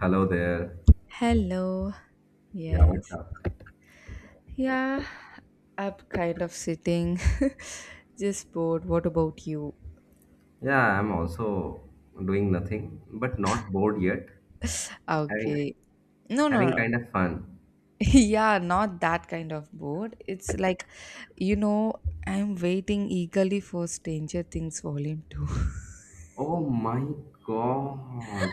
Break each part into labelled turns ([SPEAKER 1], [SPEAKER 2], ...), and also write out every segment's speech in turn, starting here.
[SPEAKER 1] Hello there.
[SPEAKER 2] Hello.
[SPEAKER 1] Yeah,
[SPEAKER 2] Yes.
[SPEAKER 1] what's up?
[SPEAKER 2] Yeah, I'm kind of sitting, just bored. What about you?
[SPEAKER 1] Yeah, I'm also doing nothing, but not bored yet. Having
[SPEAKER 2] Okay. No, no,
[SPEAKER 1] having
[SPEAKER 2] no.
[SPEAKER 1] kind of fun.
[SPEAKER 2] Yeah, not that kind of bored. It's like, you know, I'm waiting eagerly for Stranger Things Volume 2.
[SPEAKER 1] Oh my God.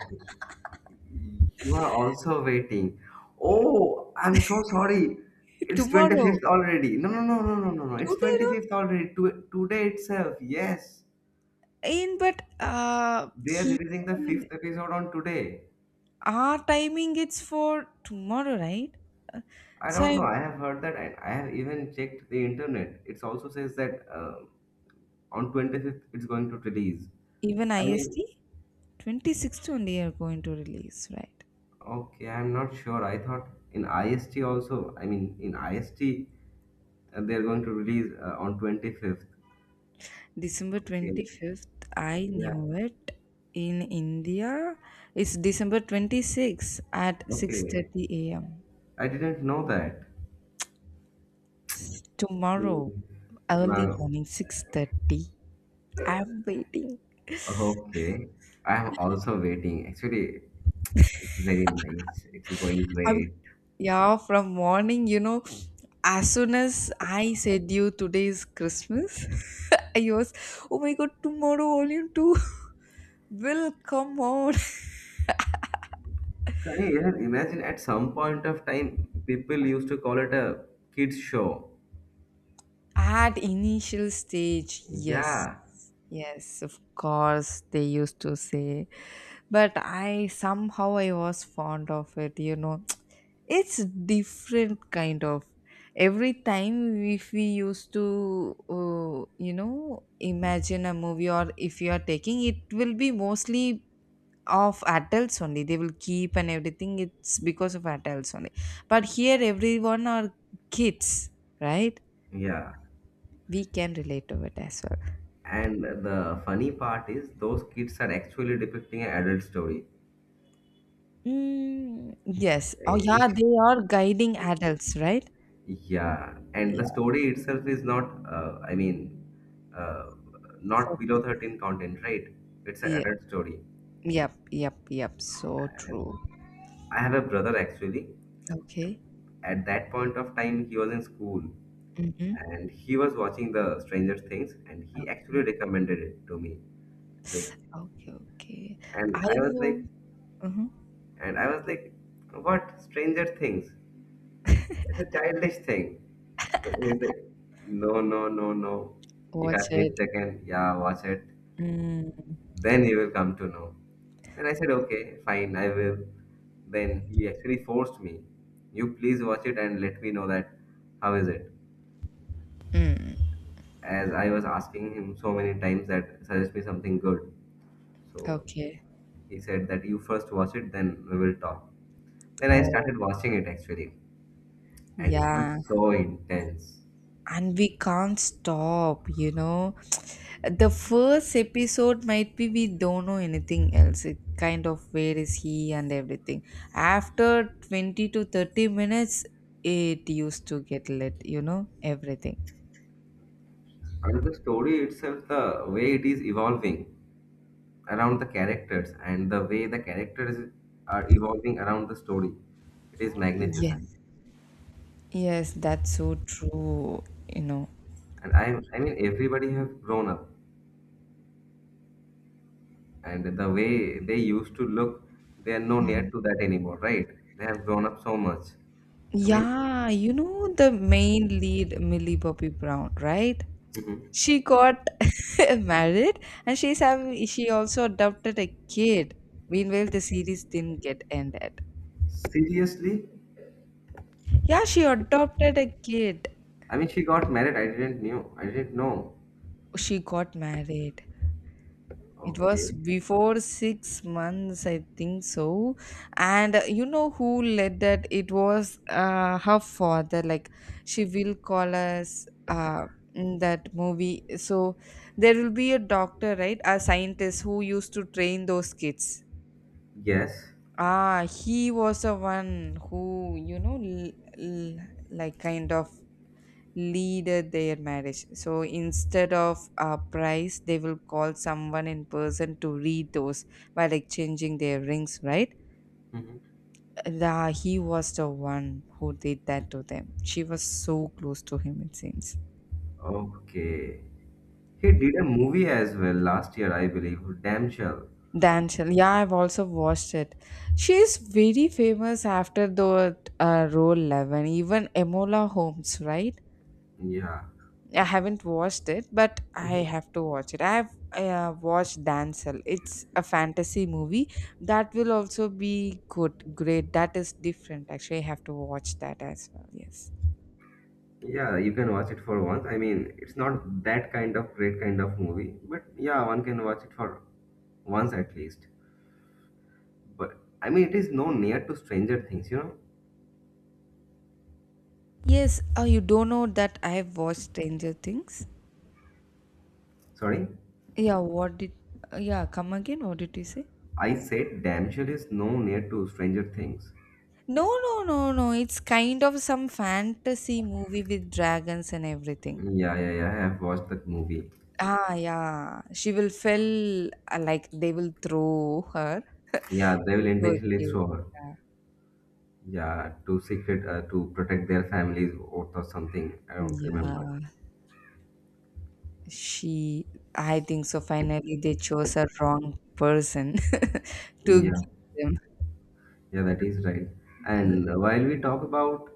[SPEAKER 1] You are also waiting. Oh, I'm so sorry. It's
[SPEAKER 2] Tomorrow.
[SPEAKER 1] 25th already. No, no, no, no, no, no, no. It's
[SPEAKER 2] Today not
[SPEAKER 1] 25th already. Today itself. Yes.
[SPEAKER 2] in, but
[SPEAKER 1] They are
[SPEAKER 2] here
[SPEAKER 1] releasing the fifth
[SPEAKER 2] in
[SPEAKER 1] episode on today.
[SPEAKER 2] our timing it's for tomorrow, right?
[SPEAKER 1] I
[SPEAKER 2] So
[SPEAKER 1] don't know.
[SPEAKER 2] I'm
[SPEAKER 1] I have heard that. I have even checked the internet. It also says that on 25th it's going to release.
[SPEAKER 2] even
[SPEAKER 1] I mean,
[SPEAKER 2] IST. 26th only you're going to release, right?
[SPEAKER 1] okay, I'm not sure. I thought in IST also, I mean, in IST they're going to release on 25th.
[SPEAKER 2] December
[SPEAKER 1] Okay,
[SPEAKER 2] 25th, I
[SPEAKER 1] yeah,
[SPEAKER 2] knew it. In India, it's December 26th at
[SPEAKER 1] okay.
[SPEAKER 2] 6:30 a.m.
[SPEAKER 1] I didn't know that.
[SPEAKER 2] Tomorrow,
[SPEAKER 1] Hmm.
[SPEAKER 2] early
[SPEAKER 1] Now,
[SPEAKER 2] morning, 6:30. I'm waiting.
[SPEAKER 1] okay. I'm also waiting. Actually, it's very nice. It's going
[SPEAKER 2] I'm,
[SPEAKER 1] great.
[SPEAKER 2] yeah, from morning, as soon as I said you today is Christmas, I was, oh my God, tomorrow only two will come on.
[SPEAKER 1] Sunny, yeah, imagine at some point of time people used to call it a kids show.
[SPEAKER 2] At initial stage, yes.
[SPEAKER 1] Yeah,
[SPEAKER 2] Yes, of course they used to say. But I somehow I was fond of it. It's different kind of every time. If we used to imagine a movie or if you are taking, it will be mostly of adults only, they will keep and everything, it's because of adults only, but here everyone are kids, right?
[SPEAKER 1] yeah.
[SPEAKER 2] We can relate to it as well.
[SPEAKER 1] And the funny part is those kids are actually depicting an adult story.
[SPEAKER 2] Mm, yes. Oh,
[SPEAKER 1] Eh,
[SPEAKER 2] yeah, they are guiding adults, right?
[SPEAKER 1] Yeah, and the
[SPEAKER 2] Yes.
[SPEAKER 1] story itself is not, I mean, uh, not
[SPEAKER 2] Okay.
[SPEAKER 1] below 13 content, right? It's an
[SPEAKER 2] Yep.
[SPEAKER 1] adult story.
[SPEAKER 2] Yep. Yep. Yep. So true.
[SPEAKER 1] I have a brother actually.
[SPEAKER 2] Okay.
[SPEAKER 1] At that point of time, he was in school
[SPEAKER 2] Mm-hmm.
[SPEAKER 1] and he was watching the Stranger Things and he actually
[SPEAKER 2] Okay.
[SPEAKER 1] recommended it to me. Like,
[SPEAKER 2] Okay. Okay.
[SPEAKER 1] and
[SPEAKER 2] I
[SPEAKER 1] I was
[SPEAKER 2] will
[SPEAKER 1] like,
[SPEAKER 2] uh
[SPEAKER 1] and I was like, what? Stranger Things? It's a childish thing. He's like, no, no, no, no. You
[SPEAKER 2] watch
[SPEAKER 1] have missed
[SPEAKER 2] it.
[SPEAKER 1] again. Yeah, watch it.
[SPEAKER 2] Mm,
[SPEAKER 1] Then you will come to know. Then I said, okay, fine, I will. Then he actually forced me. You please watch it and let me know that how is it.
[SPEAKER 2] mm,
[SPEAKER 1] As I was asking him so many times that suggest me something good. So
[SPEAKER 2] okay.
[SPEAKER 1] he said that you first watch it, then we will talk. Then I
[SPEAKER 2] Oh,
[SPEAKER 1] started watching it actually, and it was
[SPEAKER 2] yeah.
[SPEAKER 1] so intense.
[SPEAKER 2] And we can't stop, the first episode might be, we don't know anything else, it kind of where is he and everything. After 20 to 30 minutes it used to get lit, you know, everything.
[SPEAKER 1] And the story itself, the way it is evolving around the characters and the way the characters are evolving around the story, it is magnificent.
[SPEAKER 2] Yes, yes, that's so true you know
[SPEAKER 1] And I mean, everybody have grown up. And the way they used to look, they are no near to that anymore, right? They have grown up so much. I mean,
[SPEAKER 2] yeah, the main lead Millie Bobby Brown, right?
[SPEAKER 1] mhm.
[SPEAKER 2] She got married, and she also adopted a kid, meanwhile the series didn't get ended.
[SPEAKER 1] Seriously?
[SPEAKER 2] Yeah, she adopted a kid.
[SPEAKER 1] I mean, she got married. I didn't knew. I didn't know.
[SPEAKER 2] She got married. It was
[SPEAKER 1] Okay.
[SPEAKER 2] before 6 months I think so. And who led that, it was her father. Like, she will call us in that movie. So there will be a doctor, right? A scientist who used to train those kids.
[SPEAKER 1] Yes.
[SPEAKER 2] Ah, he was the one who, l- like kind of leaded their marriage. So instead of a price, they will call someone in person to read those while exchanging their rings, right?
[SPEAKER 1] Mhm.
[SPEAKER 2] The, he was the one who did that to them. She was so close to him, it seems.
[SPEAKER 1] Okay. He did a movie as well last year, I believe. Damn sure.
[SPEAKER 2] Danchal. Yeah, I've also watched it. She is very famous after the role 11, even Emola Holmes, right?
[SPEAKER 1] Yeah.
[SPEAKER 2] I haven't watched it, but I
[SPEAKER 1] Mhm.
[SPEAKER 2] have to watch it. I have watched Dancel. It's a fantasy movie, that will also be good, great. That is different. Actually, I have to watch that as well. Yes.
[SPEAKER 1] Yeah, you can watch it for once. I mean, it's not that kind of great kind of movie, but yeah, one can watch it for once at least. But I mean, it is no near to Stranger Things.
[SPEAKER 2] Yes. Oh, you don't know that I have watched Stranger Things?
[SPEAKER 1] Sorry?
[SPEAKER 2] Yeah. What did? Yeah. Come again. What did you say?
[SPEAKER 1] I said damn sure is no near to Stranger Things.
[SPEAKER 2] No, no, no, no. It's kind of some fantasy movie with dragons and everything.
[SPEAKER 1] Yeah, yeah, yeah. I have watched that movie.
[SPEAKER 2] Ah, yeah. She will feel like they will throw her
[SPEAKER 1] Yeah, they will
[SPEAKER 2] into a
[SPEAKER 1] intentionally
[SPEAKER 2] cave.
[SPEAKER 1] throw her.
[SPEAKER 2] Yeah.
[SPEAKER 1] Yeah, to secret, to protect their family's oath or something. I don't remember.
[SPEAKER 2] Yeah, she, I think so. Finally, they chose a wrong person to give
[SPEAKER 1] Yeah,
[SPEAKER 2] them.
[SPEAKER 1] yeah, that is right.
[SPEAKER 2] Yeah.
[SPEAKER 1] And while we talk about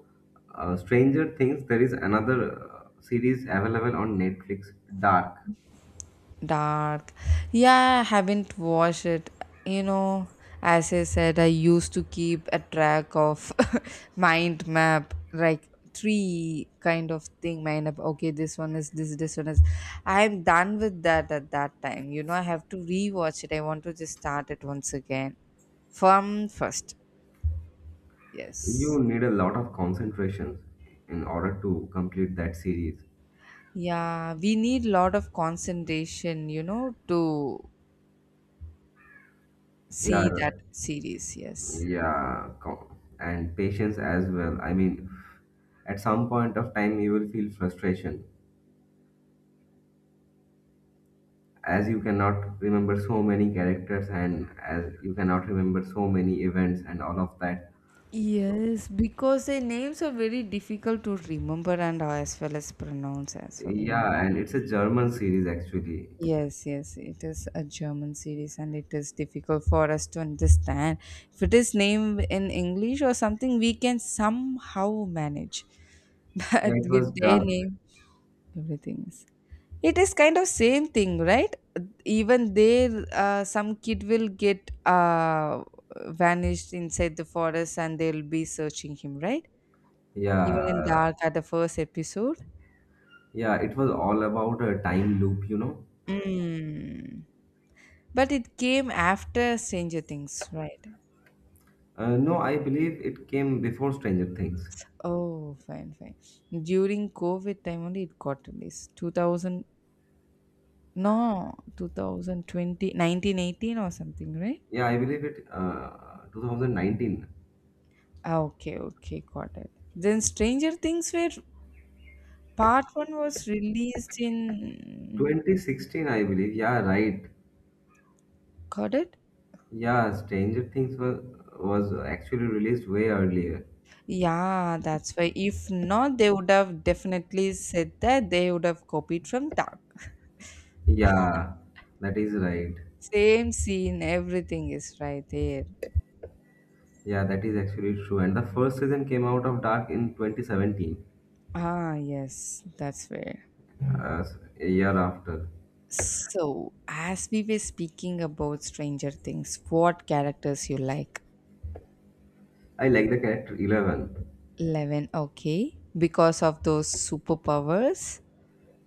[SPEAKER 1] Stranger Things, there is another series available on Netflix, Dark.
[SPEAKER 2] Dark. Yeah, I haven't watched it. You know, as I said, I used to keep a track of mind map, like tree kind of thing. Mind map. Okay, this one is this. This one is. I am done with that at that time. You know, I have to rewatch it. I want to just start it once again from first. Yes.
[SPEAKER 1] You need a lot of concentration in order to complete that series.
[SPEAKER 2] Yeah, we need lot of concentration, you know, to see that
[SPEAKER 1] Yeah,
[SPEAKER 2] series. Yes.
[SPEAKER 1] yeah, co- and patience as well. I mean, at some point of time, you will feel frustration as you cannot remember so many characters and as you cannot remember so many events and all of that. So,
[SPEAKER 2] Yes, because their names are very difficult to remember and are as well as pronounce as well, you know.
[SPEAKER 1] yeah, and it's a German series actually.
[SPEAKER 2] Yes, yes, it is a German series and it is difficult for us to understand. If it is named in English or something, we can somehow manage.
[SPEAKER 1] Yeah,
[SPEAKER 2] But
[SPEAKER 1] it was
[SPEAKER 2] with their
[SPEAKER 1] dubbed.
[SPEAKER 2] name, everything is. It is kind of same thing, right? Even there, some kid will get vanished inside the forest and they'll be searching him, right? Even in
[SPEAKER 1] Yeah,
[SPEAKER 2] Dark at the first episode?
[SPEAKER 1] yeah, it was all about a time loop, you know.
[SPEAKER 2] Mm. But it came after Stranger Things, right?
[SPEAKER 1] No, I believe it came before Stranger Things.
[SPEAKER 2] Oh, fine, fine. During COVID time only it got released. 2000, no, 2020 nineteen 18 or something, right?
[SPEAKER 1] Yeah, I believe it 2019.
[SPEAKER 2] Ah, okay, okay, got it. Then Stranger Things, where part one was released in,
[SPEAKER 1] 2016, I believe. Yeah, right.
[SPEAKER 2] got it?
[SPEAKER 1] Yeah, Stranger Things was, was actually released way earlier.
[SPEAKER 2] Yeah, that's why. If not, they would have definitely said that they would have copied from Dark.
[SPEAKER 1] Yeah, that is right.
[SPEAKER 2] Same scene, everything is right there.
[SPEAKER 1] Yeah, that is actually true. And the first season came out of Dark in 2017,
[SPEAKER 2] Ah, yes, that's fair.
[SPEAKER 1] uh, a year after.
[SPEAKER 2] So, as we were speaking about Stranger Things, what characters you like?
[SPEAKER 1] I like the character Eleven.
[SPEAKER 2] Eleven, okay, because of those superpowers.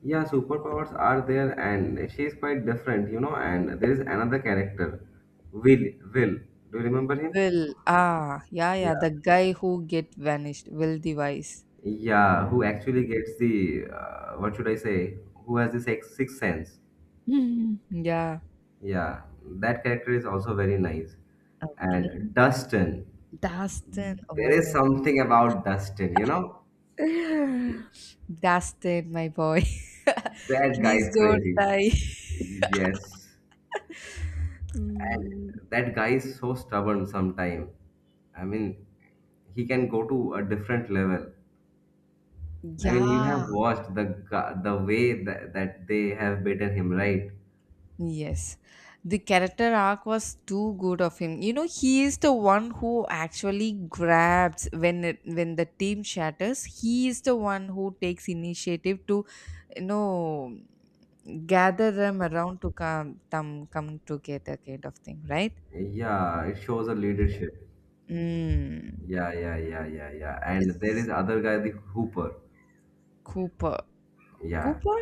[SPEAKER 1] Yeah, superpowers are there, and she is quite different, you know. And there is another character, Will. Do you remember him?
[SPEAKER 2] Will, ah, yeah, yeah, the
[SPEAKER 1] Yeah.
[SPEAKER 2] guy who get vanished, Will Device.
[SPEAKER 1] Yeah, who actually gets the what should I say? Who has the sex sixth sense?
[SPEAKER 2] Hmm. Yeah.
[SPEAKER 1] Yeah, that character is also very nice.
[SPEAKER 2] Okay.
[SPEAKER 1] And Dustin,
[SPEAKER 2] Dustin,
[SPEAKER 1] there
[SPEAKER 2] oh
[SPEAKER 1] is
[SPEAKER 2] my God,
[SPEAKER 1] something about Dustin, you know.
[SPEAKER 2] Dustin, my boy,
[SPEAKER 1] That guy
[SPEAKER 2] please
[SPEAKER 1] is
[SPEAKER 2] don't
[SPEAKER 1] crazy.
[SPEAKER 2] die.
[SPEAKER 1] Yes. And
[SPEAKER 2] Mm.
[SPEAKER 1] that guy is so stubborn sometime. I mean, he can go to a different level. I mean, you have
[SPEAKER 2] Yeah.
[SPEAKER 1] watched the the way that they have beaten him, right?
[SPEAKER 2] Yes, the character arc was too good of him. You know, he is the one who actually grabs when the team shatters. He is the one who takes initiative to, you know, gather them around to come together, kind of thing, right?
[SPEAKER 1] Yeah, it shows a leadership.
[SPEAKER 2] Mm.
[SPEAKER 1] Yeah, yeah, yeah, yeah, yeah. And there is
[SPEAKER 2] It's
[SPEAKER 1] other guy, the Hooper.
[SPEAKER 2] Cooper,
[SPEAKER 1] Yeah,
[SPEAKER 2] Cooper,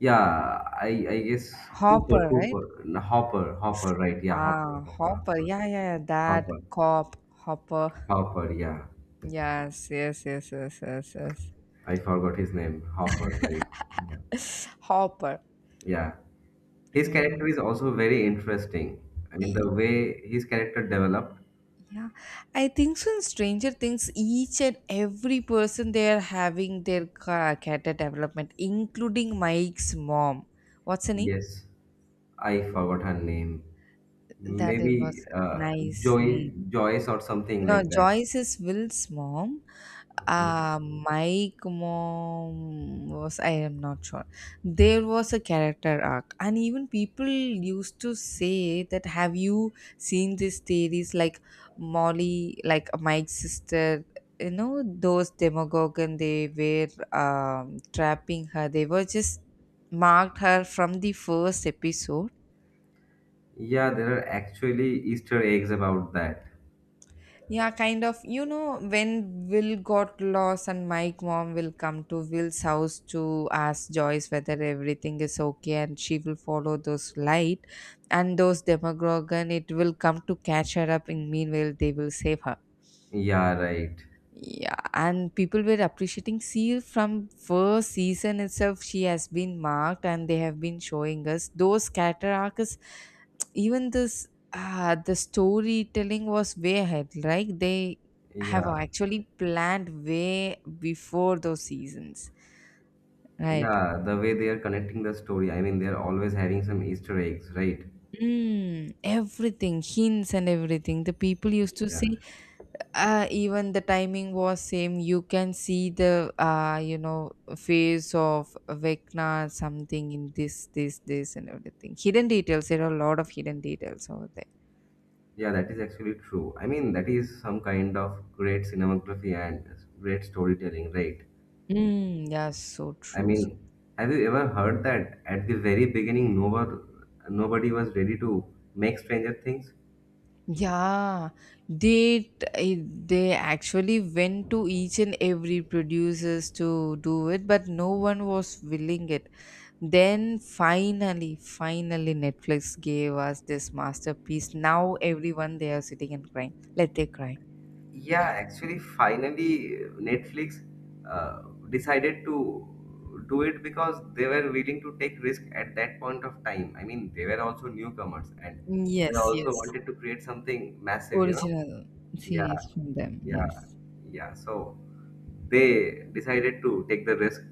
[SPEAKER 1] yeah. I guess
[SPEAKER 2] Hopper, right?
[SPEAKER 1] No, Hopper, Hopper. Right? Yeah, Hopper,
[SPEAKER 2] Ah,
[SPEAKER 1] Hopper,
[SPEAKER 2] Hopper.
[SPEAKER 1] Hopper,
[SPEAKER 2] Yeah, yeah, yeah. That
[SPEAKER 1] Hopper,
[SPEAKER 2] cop, Hopper.
[SPEAKER 1] Hopper. Yeah,
[SPEAKER 2] Yes, yes, yes, yes, yes, yes.
[SPEAKER 1] I forgot his name. Hopper. Right? Yeah,
[SPEAKER 2] Hopper.
[SPEAKER 1] yeah. His character is also very interesting. I mean,
[SPEAKER 2] E-
[SPEAKER 1] the way his character developed.
[SPEAKER 2] Yeah, I think so. In Stranger Things, each and every person they are having their ca- character development, including Mike's mom. What's her name?
[SPEAKER 1] Yes, I forgot her name.
[SPEAKER 2] That it was
[SPEAKER 1] Maybe
[SPEAKER 2] nice name.
[SPEAKER 1] Joy, Joyce or something
[SPEAKER 2] No,
[SPEAKER 1] like that.
[SPEAKER 2] Joyce is Will's mom.
[SPEAKER 1] Okay.
[SPEAKER 2] Mike mom, was, I am not sure. There was a character arc, and even people used to say that, have you seen these theories like Molly, like Mike's sister? You know, those demagogue, and they were trapping her. They were just marked her from the first episode.
[SPEAKER 1] Yeah, there are actually Easter eggs about that.
[SPEAKER 2] Yeah, kind of. You know, when Will got lost and Mike mom will come to Will's house to ask Joyce whether everything is okay, and she will follow those light, and those Demogorgon, it will come to catch her up, and meanwhile they will save her.
[SPEAKER 1] Yeah, right.
[SPEAKER 2] Yeah, and people were appreciating, see, from first season itself, she has been marked, and they have been showing us those character arcs. Even the storytelling was way ahead. Like, they have
[SPEAKER 1] Yeah,
[SPEAKER 2] actually planned way before those seasons, right?
[SPEAKER 1] yeah. The way they are connecting the story. I mean, they are always having some Easter eggs, right?
[SPEAKER 2] Mm, everything, hints and everything. The people used to
[SPEAKER 1] Yeah,
[SPEAKER 2] say, even the timing was same, you can see the face of Vecna something in this and everything, hidden details, there are a lot of hidden details over there.
[SPEAKER 1] yeah. That is actually true. I mean, that is some kind of great cinematography and great storytelling, right?
[SPEAKER 2] Mm, yeah, so
[SPEAKER 1] I
[SPEAKER 2] true, so,
[SPEAKER 1] mean, have you ever heard that at the very beginning, nobody was ready to make Stranger Things?
[SPEAKER 2] yeah, they t- they actually went to each and every producers to do it, but no one was willing it. Then finally, Netflix gave us this masterpiece. Now everyone they are sitting and crying. Let they cry.
[SPEAKER 1] Yeah, actually, finally, Netflix uh, decided to do it because they were willing to take risk at that point of time. I mean, they were also newcomers and they
[SPEAKER 2] Yes,
[SPEAKER 1] also
[SPEAKER 2] yes.
[SPEAKER 1] wanted to create something massive, you know?
[SPEAKER 2] Original series
[SPEAKER 1] Yeah,
[SPEAKER 2] from them.
[SPEAKER 1] yeah,
[SPEAKER 2] Yes.
[SPEAKER 1] yeah. So they decided to take the risk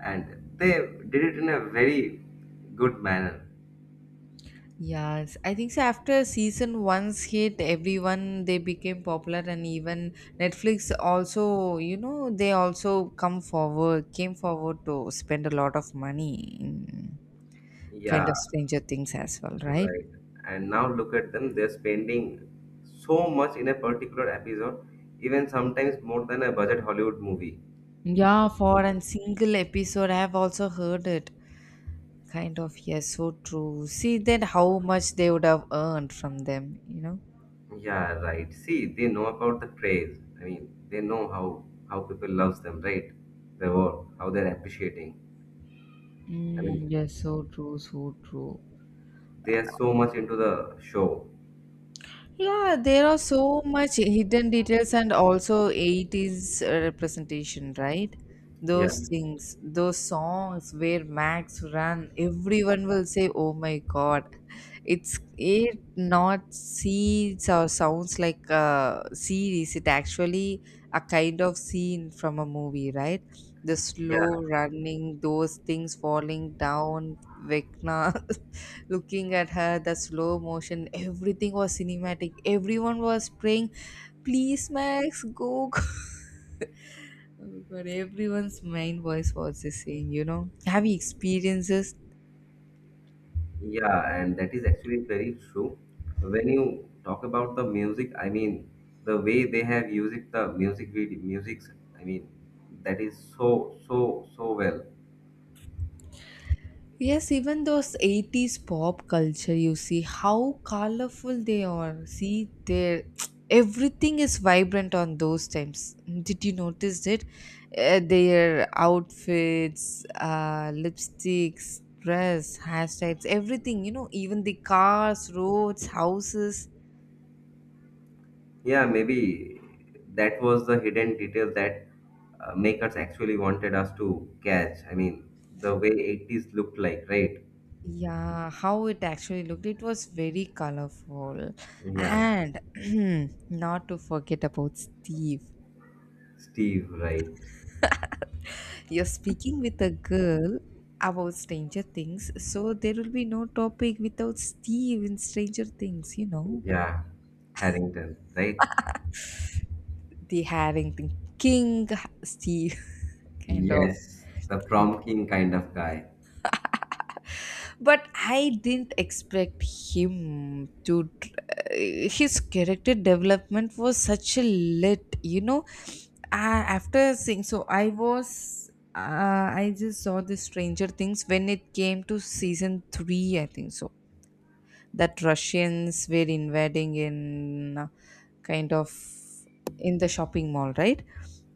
[SPEAKER 1] and they did it in a very good manner.
[SPEAKER 2] Yes, I think so. After season one's hit, everyone they became popular, and even Netflix also, they also came forward to spend a lot of money in kind
[SPEAKER 1] Yeah,
[SPEAKER 2] of Stranger Things as well, right?
[SPEAKER 1] right. And now look at them, they're spending so much in a particular episode, even sometimes more than a budget Hollywood movie.
[SPEAKER 2] Yeah, for a single episode, I have also heard it. Kind of, yes, so true. See then how much they would have earned from them, you know?
[SPEAKER 1] Yeah, right. See, they know about the praise. I mean, they know how people loves them, right? The work, how they're appreciating. I mean,
[SPEAKER 2] Mm, yes, so true, so true.
[SPEAKER 1] they are so much into the show.
[SPEAKER 2] Yeah, there are so much hidden details and also 80s representation, right?
[SPEAKER 1] Yeah,
[SPEAKER 2] Those things, those songs where Max ran, everyone will say, "Oh my God!" It's it not sees or sounds like a series. It actually a kind of scene from a movie, right? The slow
[SPEAKER 1] yeah.
[SPEAKER 2] running, those things falling down, Vecna looking at her, the slow motion, everything was cinematic, everyone was praying, "Please Max, go go." Oh god, everyone's main voice was the same, have you experienced this?
[SPEAKER 1] Yeah, and that is actually very true. When you talk about the music, I mean, the way they have used the music video, musics, I mean, that is so, so, so well.
[SPEAKER 2] Yes, even those 80s pop culture, you see how colorful they are. See, they everything is vibrant on those times. Did you notice it? Their outfits, lipsticks, dress, hashtags, everything, you know, even the cars, roads, houses.
[SPEAKER 1] Yeah, maybe that was the hidden detail that makers actually wanted us to catch. I mean, the way 80s looked like, right?
[SPEAKER 2] Yeah, how it actually looked. It was very colorful.
[SPEAKER 1] Yeah,
[SPEAKER 2] And not to forget about Steve.
[SPEAKER 1] Steve, right?
[SPEAKER 2] You're speaking with a girl about Stranger Things, so there will be no topic without Steve in Stranger Things.
[SPEAKER 1] Yeah, Harrington, right?
[SPEAKER 2] The Harrington King, Steve, kind of.
[SPEAKER 1] Yes, the prom king kind of guy.
[SPEAKER 2] But I didn't expect him to. His character development was such a lit. I, after seeing, so I was. I just saw the Stranger Things when it came to season 3, I think so that Russians were invading in kind of in the shopping mall, right?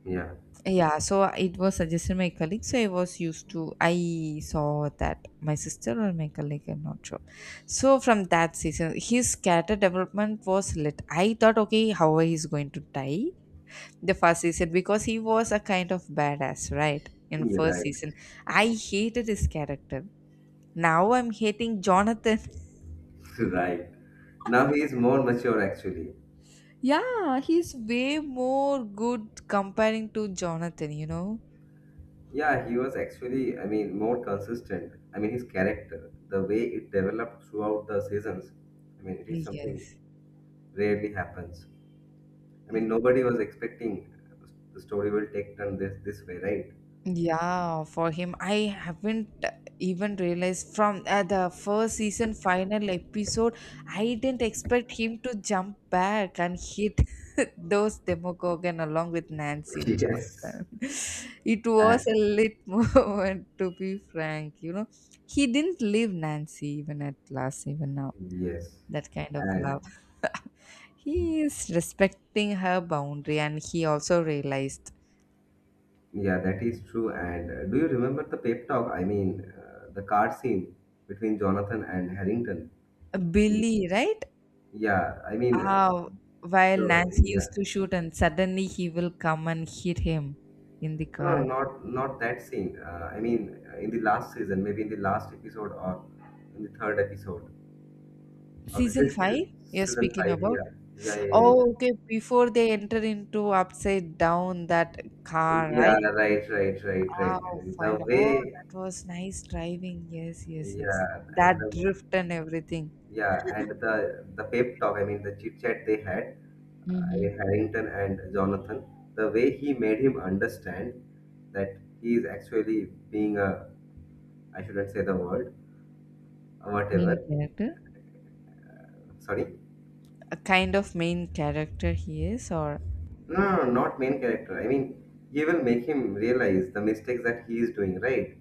[SPEAKER 1] Yeah,
[SPEAKER 2] Yeah, so it was suggested my colleague. So I was used to I saw that, my sister or my colleague, I'm not sure. So from that season, his character development was lit. I thought, okay, how he's going to die the first season, because he was a kind of badass, right? In
[SPEAKER 1] you're
[SPEAKER 2] first
[SPEAKER 1] right.
[SPEAKER 2] season, I hated his character. Now I'm hating Jonathan.
[SPEAKER 1] Right. Now he is more mature actually.
[SPEAKER 2] Yeah, he's way more good comparing to Jonathan, you know?
[SPEAKER 1] Yeah, he was actually, I mean, more consistent. I mean, his character, the way it developed throughout the seasons, I mean, it is something
[SPEAKER 2] Yes.
[SPEAKER 1] rarely happens. I
[SPEAKER 2] Mm,
[SPEAKER 1] mean, nobody was expecting the story will take turn this way, right?
[SPEAKER 2] yeah, for him, I haven't even realized from the first season final episode, I didn't expect him to jump back and hit those Demogorgon along with Nancy and
[SPEAKER 1] Yes.
[SPEAKER 2] Jonathan. It was
[SPEAKER 1] And,
[SPEAKER 2] a lit moment, to be frank, you know? He didn't leave Nancy even at last, even now.
[SPEAKER 1] yes.
[SPEAKER 2] That kind of
[SPEAKER 1] And
[SPEAKER 2] love. He is respecting her boundary, and he also realized
[SPEAKER 1] yeah, that is true. And do you remember the pep talk? I mean, the card scene between Jonathan and Harrington. I mean,
[SPEAKER 2] Billy, right?
[SPEAKER 1] yeah, I mean,
[SPEAKER 2] Uh, while
[SPEAKER 1] the,
[SPEAKER 2] Nancy used
[SPEAKER 1] yeah.
[SPEAKER 2] to shoot, and suddenly he will come and hit him in the
[SPEAKER 1] No, no,
[SPEAKER 2] car.
[SPEAKER 1] not not that scene. In the last season, maybe in the last episode or in the third episode of the
[SPEAKER 2] Season 5, you're
[SPEAKER 1] season
[SPEAKER 2] speaking
[SPEAKER 1] five.
[SPEAKER 2] about?
[SPEAKER 1] Yeah, yeah, yeah, yeah. yeah.
[SPEAKER 2] Oh, okay. Before they enter into upside down that car, right?
[SPEAKER 1] Yeah, right, right, right, right.
[SPEAKER 2] Oh,
[SPEAKER 1] And the
[SPEAKER 2] fine. Oh,
[SPEAKER 1] way,
[SPEAKER 2] that was nice driving. Yes, yes, yes.
[SPEAKER 1] yeah, and
[SPEAKER 2] That
[SPEAKER 1] the
[SPEAKER 2] drift and everything.
[SPEAKER 1] yeah, and the pep talk. I mean, the chit chat they had. I
[SPEAKER 2] Mm-hmm.
[SPEAKER 1] mean, Harrington and Jonathan. The way he made him understand that he is actually being a, I shouldn't say the word,
[SPEAKER 2] Main
[SPEAKER 1] whatever.
[SPEAKER 2] character.
[SPEAKER 1] Sorry.
[SPEAKER 2] A kind of main character he is, or
[SPEAKER 1] No, no, no, not main character. I mean, you will make him realize the mistakes that he is doing, right?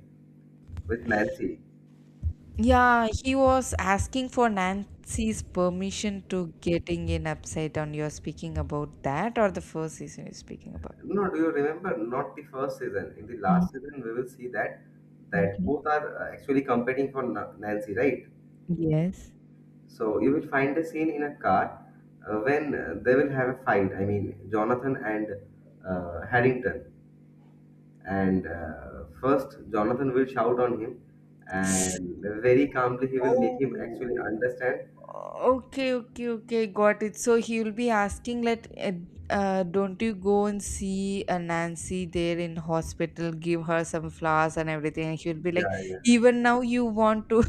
[SPEAKER 1] With Nancy.
[SPEAKER 2] yeah, he was asking for Nancy's permission to getting in upside down, you're speaking about that, or the first season you're speaking about?
[SPEAKER 1] No, do you remember? Not the first season. In the
[SPEAKER 2] Mm,
[SPEAKER 1] last season, we will see that that
[SPEAKER 2] mhm.
[SPEAKER 1] both are actually competing for Nancy, right?
[SPEAKER 2] Yes.
[SPEAKER 1] So you will find a scene in a car when they will have a fight. I mean, Jonathan and Harrington. And first, Jonathan will shout on him, and very calmly he will make him actually
[SPEAKER 2] Oh,
[SPEAKER 1] understand.
[SPEAKER 2] okay, okay, okay, got it. So he will be asking like, don't you go and see Nancy there in hospital, give her some flowers and everything, and she'll be
[SPEAKER 1] Yeah,
[SPEAKER 2] like,
[SPEAKER 1] yeah.
[SPEAKER 2] even now you want to?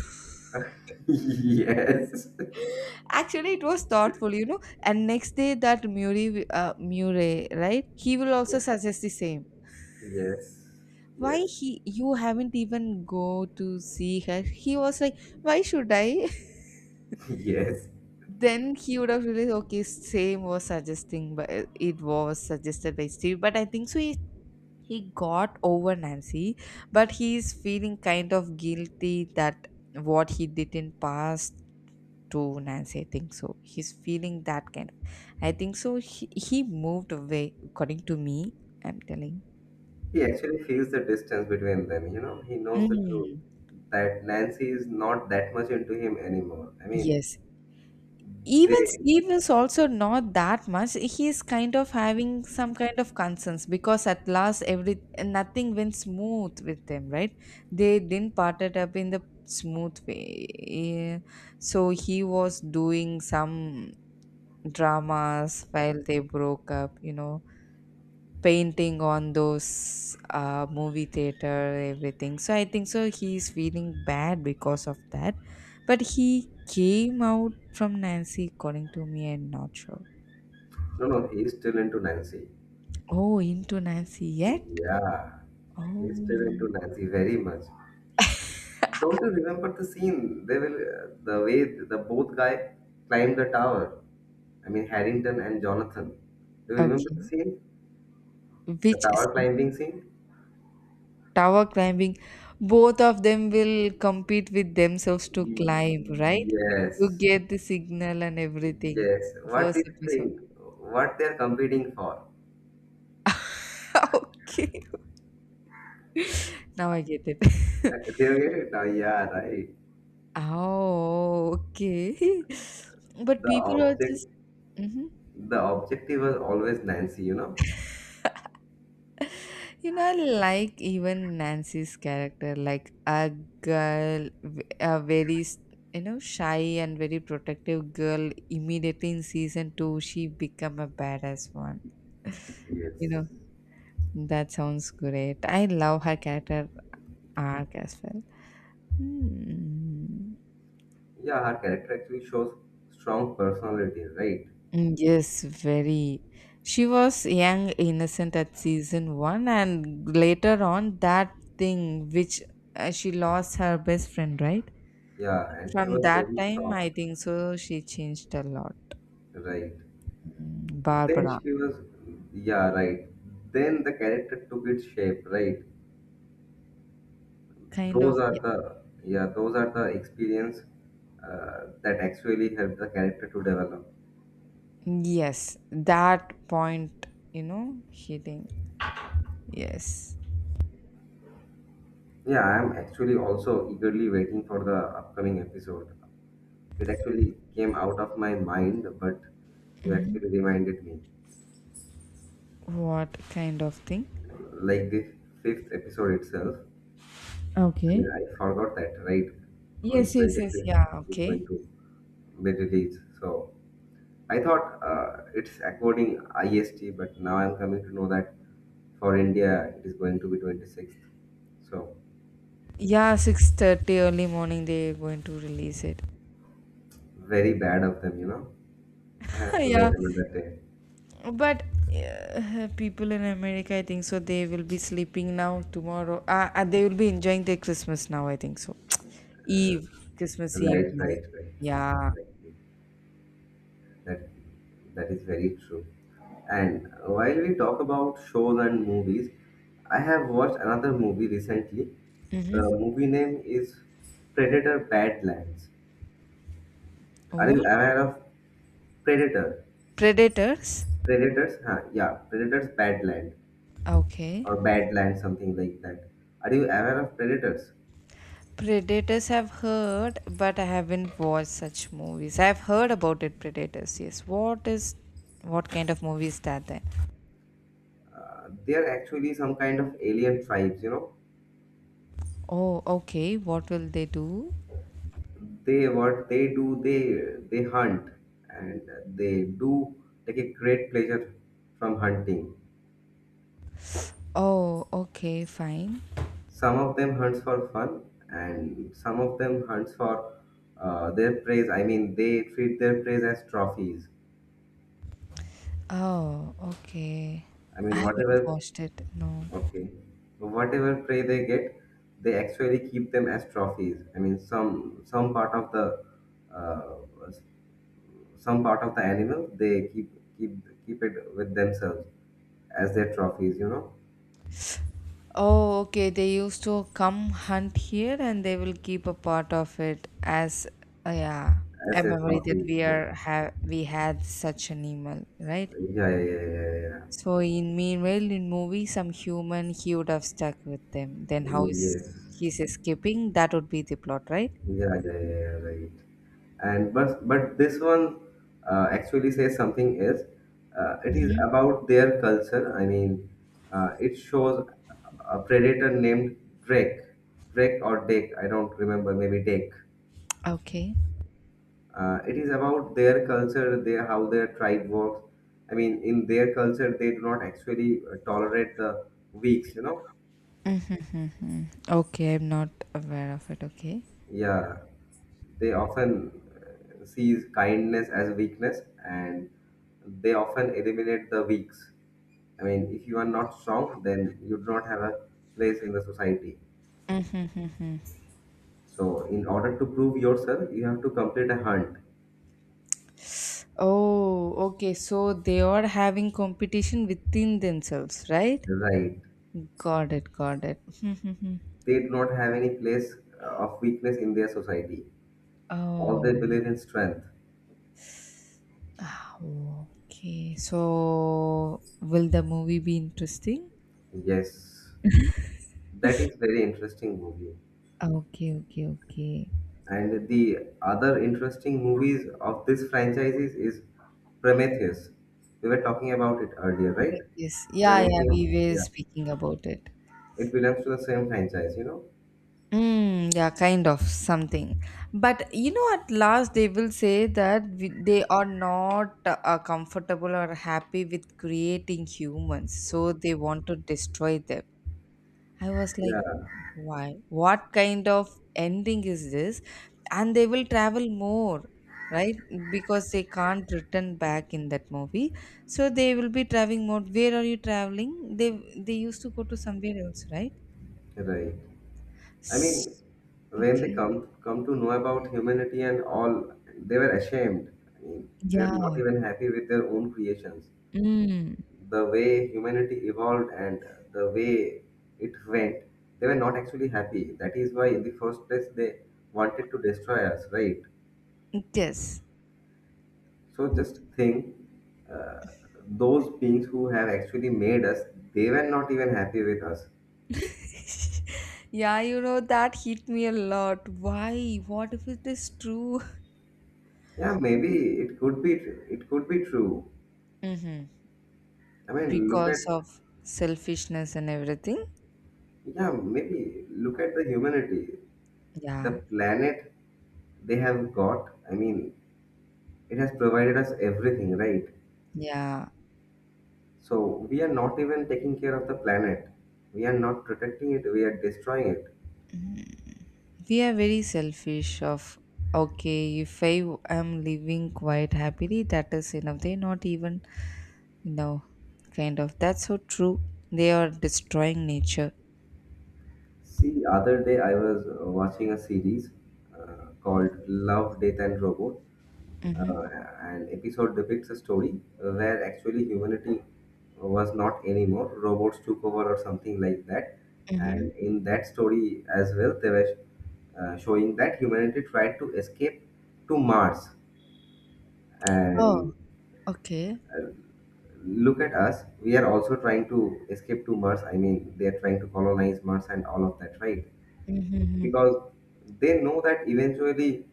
[SPEAKER 1] yes.
[SPEAKER 2] Actually, it was thoughtful, you know. And next day, that Murray, Murray, right? He will also
[SPEAKER 1] Yeah.
[SPEAKER 2] suggest the same.
[SPEAKER 1] Yes.
[SPEAKER 2] Why
[SPEAKER 1] Yes.
[SPEAKER 2] he? You haven't even go to see her. He was like, why should I?
[SPEAKER 1] Yes.
[SPEAKER 2] Then he would have realized, okay, same was suggesting, but it was suggested by Steve. But I think so. He got over Nancy, but he is feeling kind of guilty that what he did in past to Nancy. I think so. He's feeling that kind of. I think so. He moved away, according to me. I'm telling.
[SPEAKER 1] He actually feels the distance between them. You know, he knows the truth
[SPEAKER 2] Mm.
[SPEAKER 1] that Nancy is not that much into him anymore. I mean,
[SPEAKER 2] Yes. Even
[SPEAKER 1] they.
[SPEAKER 2] Steve is also not that much. He is kind of having some kind of concerns because at last every nothing went smooth with them, right? They didn't part it up in the smooth way. Yeah. So he was doing some dramas while they broke up, you know. Painting on those movie theater, everything. So I think so he's feeling bad because of that, but he came out from Nancy, according to me, and not sure.
[SPEAKER 1] No, no, he's still into Nancy.
[SPEAKER 2] Oh, into Nancy yet?
[SPEAKER 1] Yeah, he's still into
[SPEAKER 2] Oh,
[SPEAKER 1] Nancy very much. Don't you remember the scene? They will the way the both guy climbed the tower. I mean, Harrington and Jonathan. Do you remember the
[SPEAKER 2] okay.
[SPEAKER 1] scene? The
[SPEAKER 2] Which is
[SPEAKER 1] tower climbing scene?
[SPEAKER 2] tower climbing? Both of them will compete with themselves to climb, right, to
[SPEAKER 1] Yes,
[SPEAKER 2] get the signal and everything.
[SPEAKER 1] yes.
[SPEAKER 2] The
[SPEAKER 1] What
[SPEAKER 2] first
[SPEAKER 1] do you
[SPEAKER 2] episode.
[SPEAKER 1] think? What they're competing for?
[SPEAKER 2] Okay, now I get it.
[SPEAKER 1] They you get it now? Yeah, right.
[SPEAKER 2] Oh, okay. But
[SPEAKER 1] The
[SPEAKER 2] people are
[SPEAKER 1] object,
[SPEAKER 2] just, hmm.
[SPEAKER 1] the objective was always Nancy, you know.
[SPEAKER 2] You know, I like even Nancy's character, like a girl, a very, you know, shy and very protective girl. Immediately in season 2, she become a badass one.
[SPEAKER 1] Yes.
[SPEAKER 2] You know, that sounds great. I love her character arc as well. Hmm.
[SPEAKER 1] Yeah, her character actually shows strong personality, right?
[SPEAKER 2] Mm, yes, very. She was young, innocent at season 1, and later on, that thing which she lost her best friend, right?
[SPEAKER 1] Yeah, and she
[SPEAKER 2] From
[SPEAKER 1] was
[SPEAKER 2] that
[SPEAKER 1] very
[SPEAKER 2] time, I
[SPEAKER 1] soft,
[SPEAKER 2] think so, she changed a lot.
[SPEAKER 1] right?
[SPEAKER 2] Mm,
[SPEAKER 1] Then
[SPEAKER 2] Barbara,
[SPEAKER 1] she was, yeah, right. Then the character took its shape, right?
[SPEAKER 2] kind of.
[SPEAKER 1] those are the yeah those are the experience that actually help the character to develop
[SPEAKER 2] Yes, that point, you know, hitting. Yes.
[SPEAKER 1] yeah I am actually also eagerly waiting for the upcoming episode it actually came out of my mind but you
[SPEAKER 2] Mhm.
[SPEAKER 1] actually reminded me
[SPEAKER 2] What kind of thing?
[SPEAKER 1] like the fifth episode itself
[SPEAKER 2] Okay.
[SPEAKER 1] I forgot that right on
[SPEAKER 2] Yes, yes, yes. Yeah,
[SPEAKER 1] 25th it's
[SPEAKER 2] okay.
[SPEAKER 1] going to be released so I thought it's according IST, but now I'm coming to know that for India it is going to be 26th. So
[SPEAKER 2] Yeah, 6:30 early morning, they're going to release it.
[SPEAKER 1] very bad of them, you know. I have to wait
[SPEAKER 2] Yeah.
[SPEAKER 1] another day.
[SPEAKER 2] But people in America, I think so, they will be sleeping now tomorrow. They will be enjoying their Christmas now, I think so. Eve, Christmas Eve
[SPEAKER 1] Right,
[SPEAKER 2] night.
[SPEAKER 1] right, right, right.
[SPEAKER 2] Yeah.
[SPEAKER 1] Exactly. That that is very true. And while we talk about shows and movies, I have watched another movie recently.
[SPEAKER 2] Mm-hmm.
[SPEAKER 1] The movie name is Predator Badlands. Are you
[SPEAKER 2] What?
[SPEAKER 1] aware of Predator?
[SPEAKER 2] Predators?
[SPEAKER 1] Predators, huh? Yeah, Predators Badland
[SPEAKER 2] Okay.
[SPEAKER 1] or Badland, something like that. Are you aware of Predators?
[SPEAKER 2] Predators have heard, but I haven't watched such movies. I've heard about it, Predators, yes. What is. What kind of movie is that then?
[SPEAKER 1] They are actually some kind of alien tribes,
[SPEAKER 2] Oh, okay. What will they do?
[SPEAKER 1] they they hunt and they do take a great pleasure from hunting.
[SPEAKER 2] Oh, okay, fine.
[SPEAKER 1] Some of them hunts for fun, and some of them hunts for their praise. I mean, they treat their praise as trophies.
[SPEAKER 2] Oh, okay.
[SPEAKER 1] I
[SPEAKER 2] I
[SPEAKER 1] mean,
[SPEAKER 2] haven't
[SPEAKER 1] whatever.
[SPEAKER 2] watched it. No.
[SPEAKER 1] Okay. So whatever prey they get, they actually keep them as trophies. I mean, some part of the uh, some part of the animal they keep keep it with themselves as their trophies.
[SPEAKER 2] Oh, okay. They used to come hunt here and they will keep a part of it as yeah, a
[SPEAKER 1] As their
[SPEAKER 2] memory that
[SPEAKER 1] trophies.
[SPEAKER 2] we
[SPEAKER 1] Yeah.
[SPEAKER 2] are have we had such an animal, right?
[SPEAKER 1] Yeah. Yeah. Yeah. Yeah.
[SPEAKER 2] So in meanwhile in movie some human he would have stuck with them. Then
[SPEAKER 1] Yeah.
[SPEAKER 2] how
[SPEAKER 1] Yeah.
[SPEAKER 2] is
[SPEAKER 1] Yeah. Yeah.
[SPEAKER 2] he's escaping? That would be the plot, right?
[SPEAKER 1] Yeah, yeah, right. and but this one actually says something else. It is
[SPEAKER 2] Mhm.
[SPEAKER 1] about their culture. I mean, it shows a predator named Drake, Drake or Dake. I don't remember. Maybe Dake.
[SPEAKER 2] Okay.
[SPEAKER 1] It is about their culture, their how their tribe works. I mean, in their culture, they do not actually tolerate the weaks.
[SPEAKER 2] Mm-hmm. Okay, I'm not aware of it. Okay.
[SPEAKER 1] Yeah, they often sees kindness as weakness, and they often eliminate the weaks. I mean, if you are not strong, then you do not have a place in the society. So, in order to prove yourself, you have to complete a hunt.
[SPEAKER 2] Oh, okay. So they are having competition within themselves, right?
[SPEAKER 1] Right.
[SPEAKER 2] Got it, got it.
[SPEAKER 1] They do not have any place of weakness in their society. All
[SPEAKER 2] Oh,
[SPEAKER 1] they believe in strength.
[SPEAKER 2] ah, okay. So will the movie be interesting?
[SPEAKER 1] Yes. That is very interesting movie.
[SPEAKER 2] Okay, okay, okay.
[SPEAKER 1] And the other interesting movies of this franchises is Prometheus. We were talking about it earlier,
[SPEAKER 2] Oh,
[SPEAKER 1] right?
[SPEAKER 2] yes. Yeah, yeah,
[SPEAKER 1] Prometheus.
[SPEAKER 2] we were
[SPEAKER 1] Yeah.
[SPEAKER 2] speaking about it.
[SPEAKER 1] It belongs to the same franchise, you know?
[SPEAKER 2] Mm, yeah, kind of something. But you know, at last they will say that we, they are not comfortable or happy with creating humans, so they want to destroy them. I was like,
[SPEAKER 1] Yeah.
[SPEAKER 2] why? What kind of ending is this? And they will travel more, right? Because they can't return back in that movie, so they will be traveling more. Where are you traveling? They used to go to somewhere else, right?
[SPEAKER 1] Right. I mean,
[SPEAKER 2] S-
[SPEAKER 1] when they
[SPEAKER 2] Okay.
[SPEAKER 1] come to know about humanity and all, they were ashamed. I mean, they were
[SPEAKER 2] Yeah.
[SPEAKER 1] not even happy with their own creations.
[SPEAKER 2] Mm.
[SPEAKER 1] The way humanity evolved and the way it went, they were not actually happy. That is why, in the first place, they wanted to destroy us, right?
[SPEAKER 2] Yes.
[SPEAKER 1] So just think, uh, those beings who have actually made us, they were not even happy with us.
[SPEAKER 2] Yeah, you know, that hit me a lot. Why? What if it is true?
[SPEAKER 1] Yeah, maybe it could be true.
[SPEAKER 2] Mm-hmm.
[SPEAKER 1] I mean, look at,
[SPEAKER 2] Because of selfishness and everything.
[SPEAKER 1] yeah, maybe look at the humanity, the
[SPEAKER 2] Yeah.
[SPEAKER 1] planet they have got. I mean, it has provided us everything, right?
[SPEAKER 2] Yeah.
[SPEAKER 1] So we are not even taking care of the planet. We are not protecting it. We are destroying it.
[SPEAKER 2] Mm. We are very selfish of okay, if I am living quite happily, that is enough. They're not even, you know, kind of that's so true. They are destroying nature.
[SPEAKER 1] See, other day I was watching a series called Love, Death, and Robot.
[SPEAKER 2] Mm-hmm.
[SPEAKER 1] Uh, an episode depicts a story where actually humanity was not anymore. Robots took over or something like that.
[SPEAKER 2] Mm-hmm.
[SPEAKER 1] And in that story as well, they were showing that humanity tried to escape to Mars.
[SPEAKER 2] Oh,
[SPEAKER 1] And
[SPEAKER 2] okay.
[SPEAKER 1] look at us, we are also trying to escape to Mars. I mean, they are trying to colonize Mars and all of that, right?
[SPEAKER 2] Mm-hmm.
[SPEAKER 1] Because they know that eventually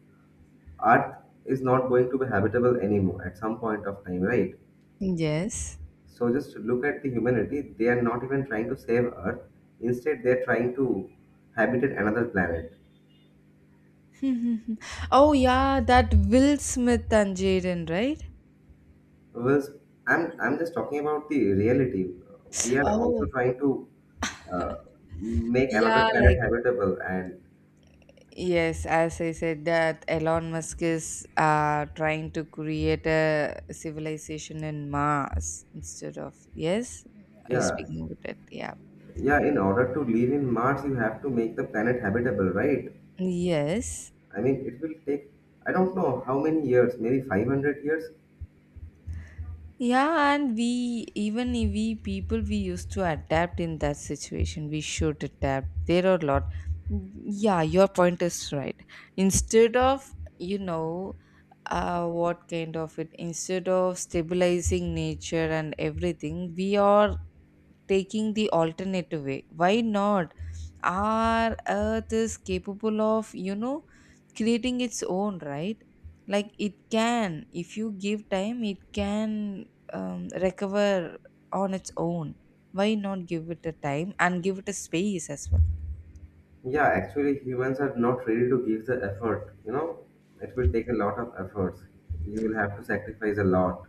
[SPEAKER 1] Earth is not going to be habitable anymore at some point of time, right?
[SPEAKER 2] Yes.
[SPEAKER 1] So just look at the humanity. They are not even trying to save Earth. Instead, they are trying to habitate another planet.
[SPEAKER 2] Oh yeah, that Will Smith and Jaden, right?
[SPEAKER 1] Because I'm just talking about the reality. We are also
[SPEAKER 2] Oh
[SPEAKER 1] trying to uh, make another
[SPEAKER 2] yeah,
[SPEAKER 1] planet
[SPEAKER 2] like
[SPEAKER 1] habitable. And
[SPEAKER 2] yes, as I said that Elon Musk is trying to create a civilization in Mars instead of, yes, are you
[SPEAKER 1] yeah,
[SPEAKER 2] speaking with it? Yeah.
[SPEAKER 1] yeah. In order to live in Mars, you have to make the planet habitable, right?
[SPEAKER 2] Yes.
[SPEAKER 1] I mean, it will take, I don't know how many years. Maybe 500 years.
[SPEAKER 2] Yeah, and we even if we people we used to adapt in that situation. We should adapt. There are a lot. Yeah, your point is right. Instead of, you know, what kind of it? Instead of stabilizing nature and everything, we are taking the alternative way. Why not? Our earth is capable of, you know, creating its own, right? Like it can, if you give time it can, recover on its own. Why not give it a time and give it a space as well?
[SPEAKER 1] Yeah, actually, humans are not ready to give the effort. It will take a lot of efforts. You will have to sacrifice a lot.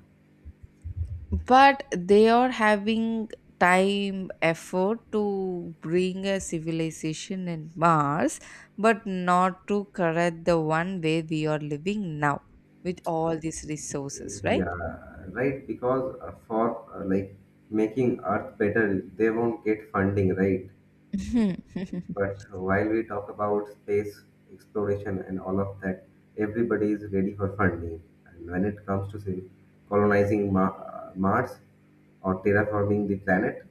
[SPEAKER 2] But they are having time effort to bring a civilization in Mars, but not to correct the one where we are living now with all these resources, right?
[SPEAKER 1] Yeah, right. Because for like making Earth better, they won't get funding, right? But while we talk about space exploration and all of that, everybody is ready for funding. And when it comes to say colonizing Mars or terraforming the planet,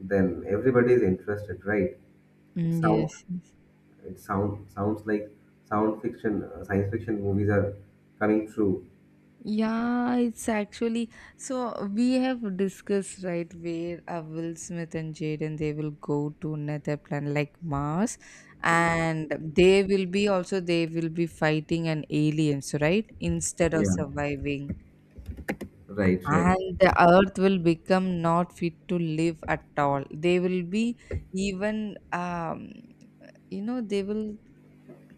[SPEAKER 1] then everybody is interested, right? It sounds
[SPEAKER 2] Yes, yes.
[SPEAKER 1] It sound sounds like sound fiction, science fiction movies are coming true.
[SPEAKER 2] Yeah, it's actually, so we have discussed, right, where Will Smith and Jaden, they will go to another planet like Mars,
[SPEAKER 1] Mhm.
[SPEAKER 2] and they will be, also they will be fighting an aliens, right, instead of
[SPEAKER 1] Yeah,
[SPEAKER 2] surviving,
[SPEAKER 1] right, right,
[SPEAKER 2] and the Earth will become not fit to live at all. They will be even you know they will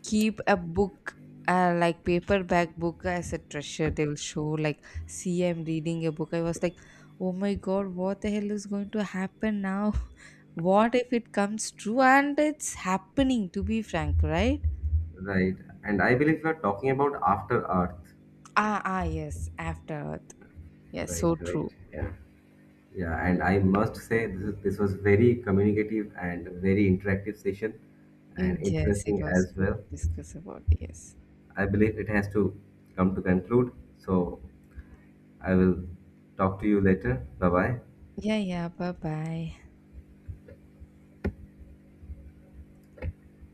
[SPEAKER 2] keep a book, like paperback book, as a treasure. They will show like, see, I'm reading a book. I was like, oh my god, what the hell is going to happen now? What if it comes true? And it's happening, to be frank, right?
[SPEAKER 1] right. And I believe we are talking about After Earth.
[SPEAKER 2] Ah, ah, yes, After Earth. Yes,
[SPEAKER 1] Right,
[SPEAKER 2] so
[SPEAKER 1] right.
[SPEAKER 2] true.
[SPEAKER 1] Yeah. Yeah, and I must say this was very communicative and very interactive session
[SPEAKER 2] Mm,
[SPEAKER 1] and
[SPEAKER 2] yes, it
[SPEAKER 1] interesting
[SPEAKER 2] was
[SPEAKER 1] as
[SPEAKER 2] good
[SPEAKER 1] well.
[SPEAKER 2] to discuss about, yes.
[SPEAKER 1] I believe it has to come to conclude. So I will talk to you later. Bye bye.
[SPEAKER 2] Yeah, yeah, bye bye.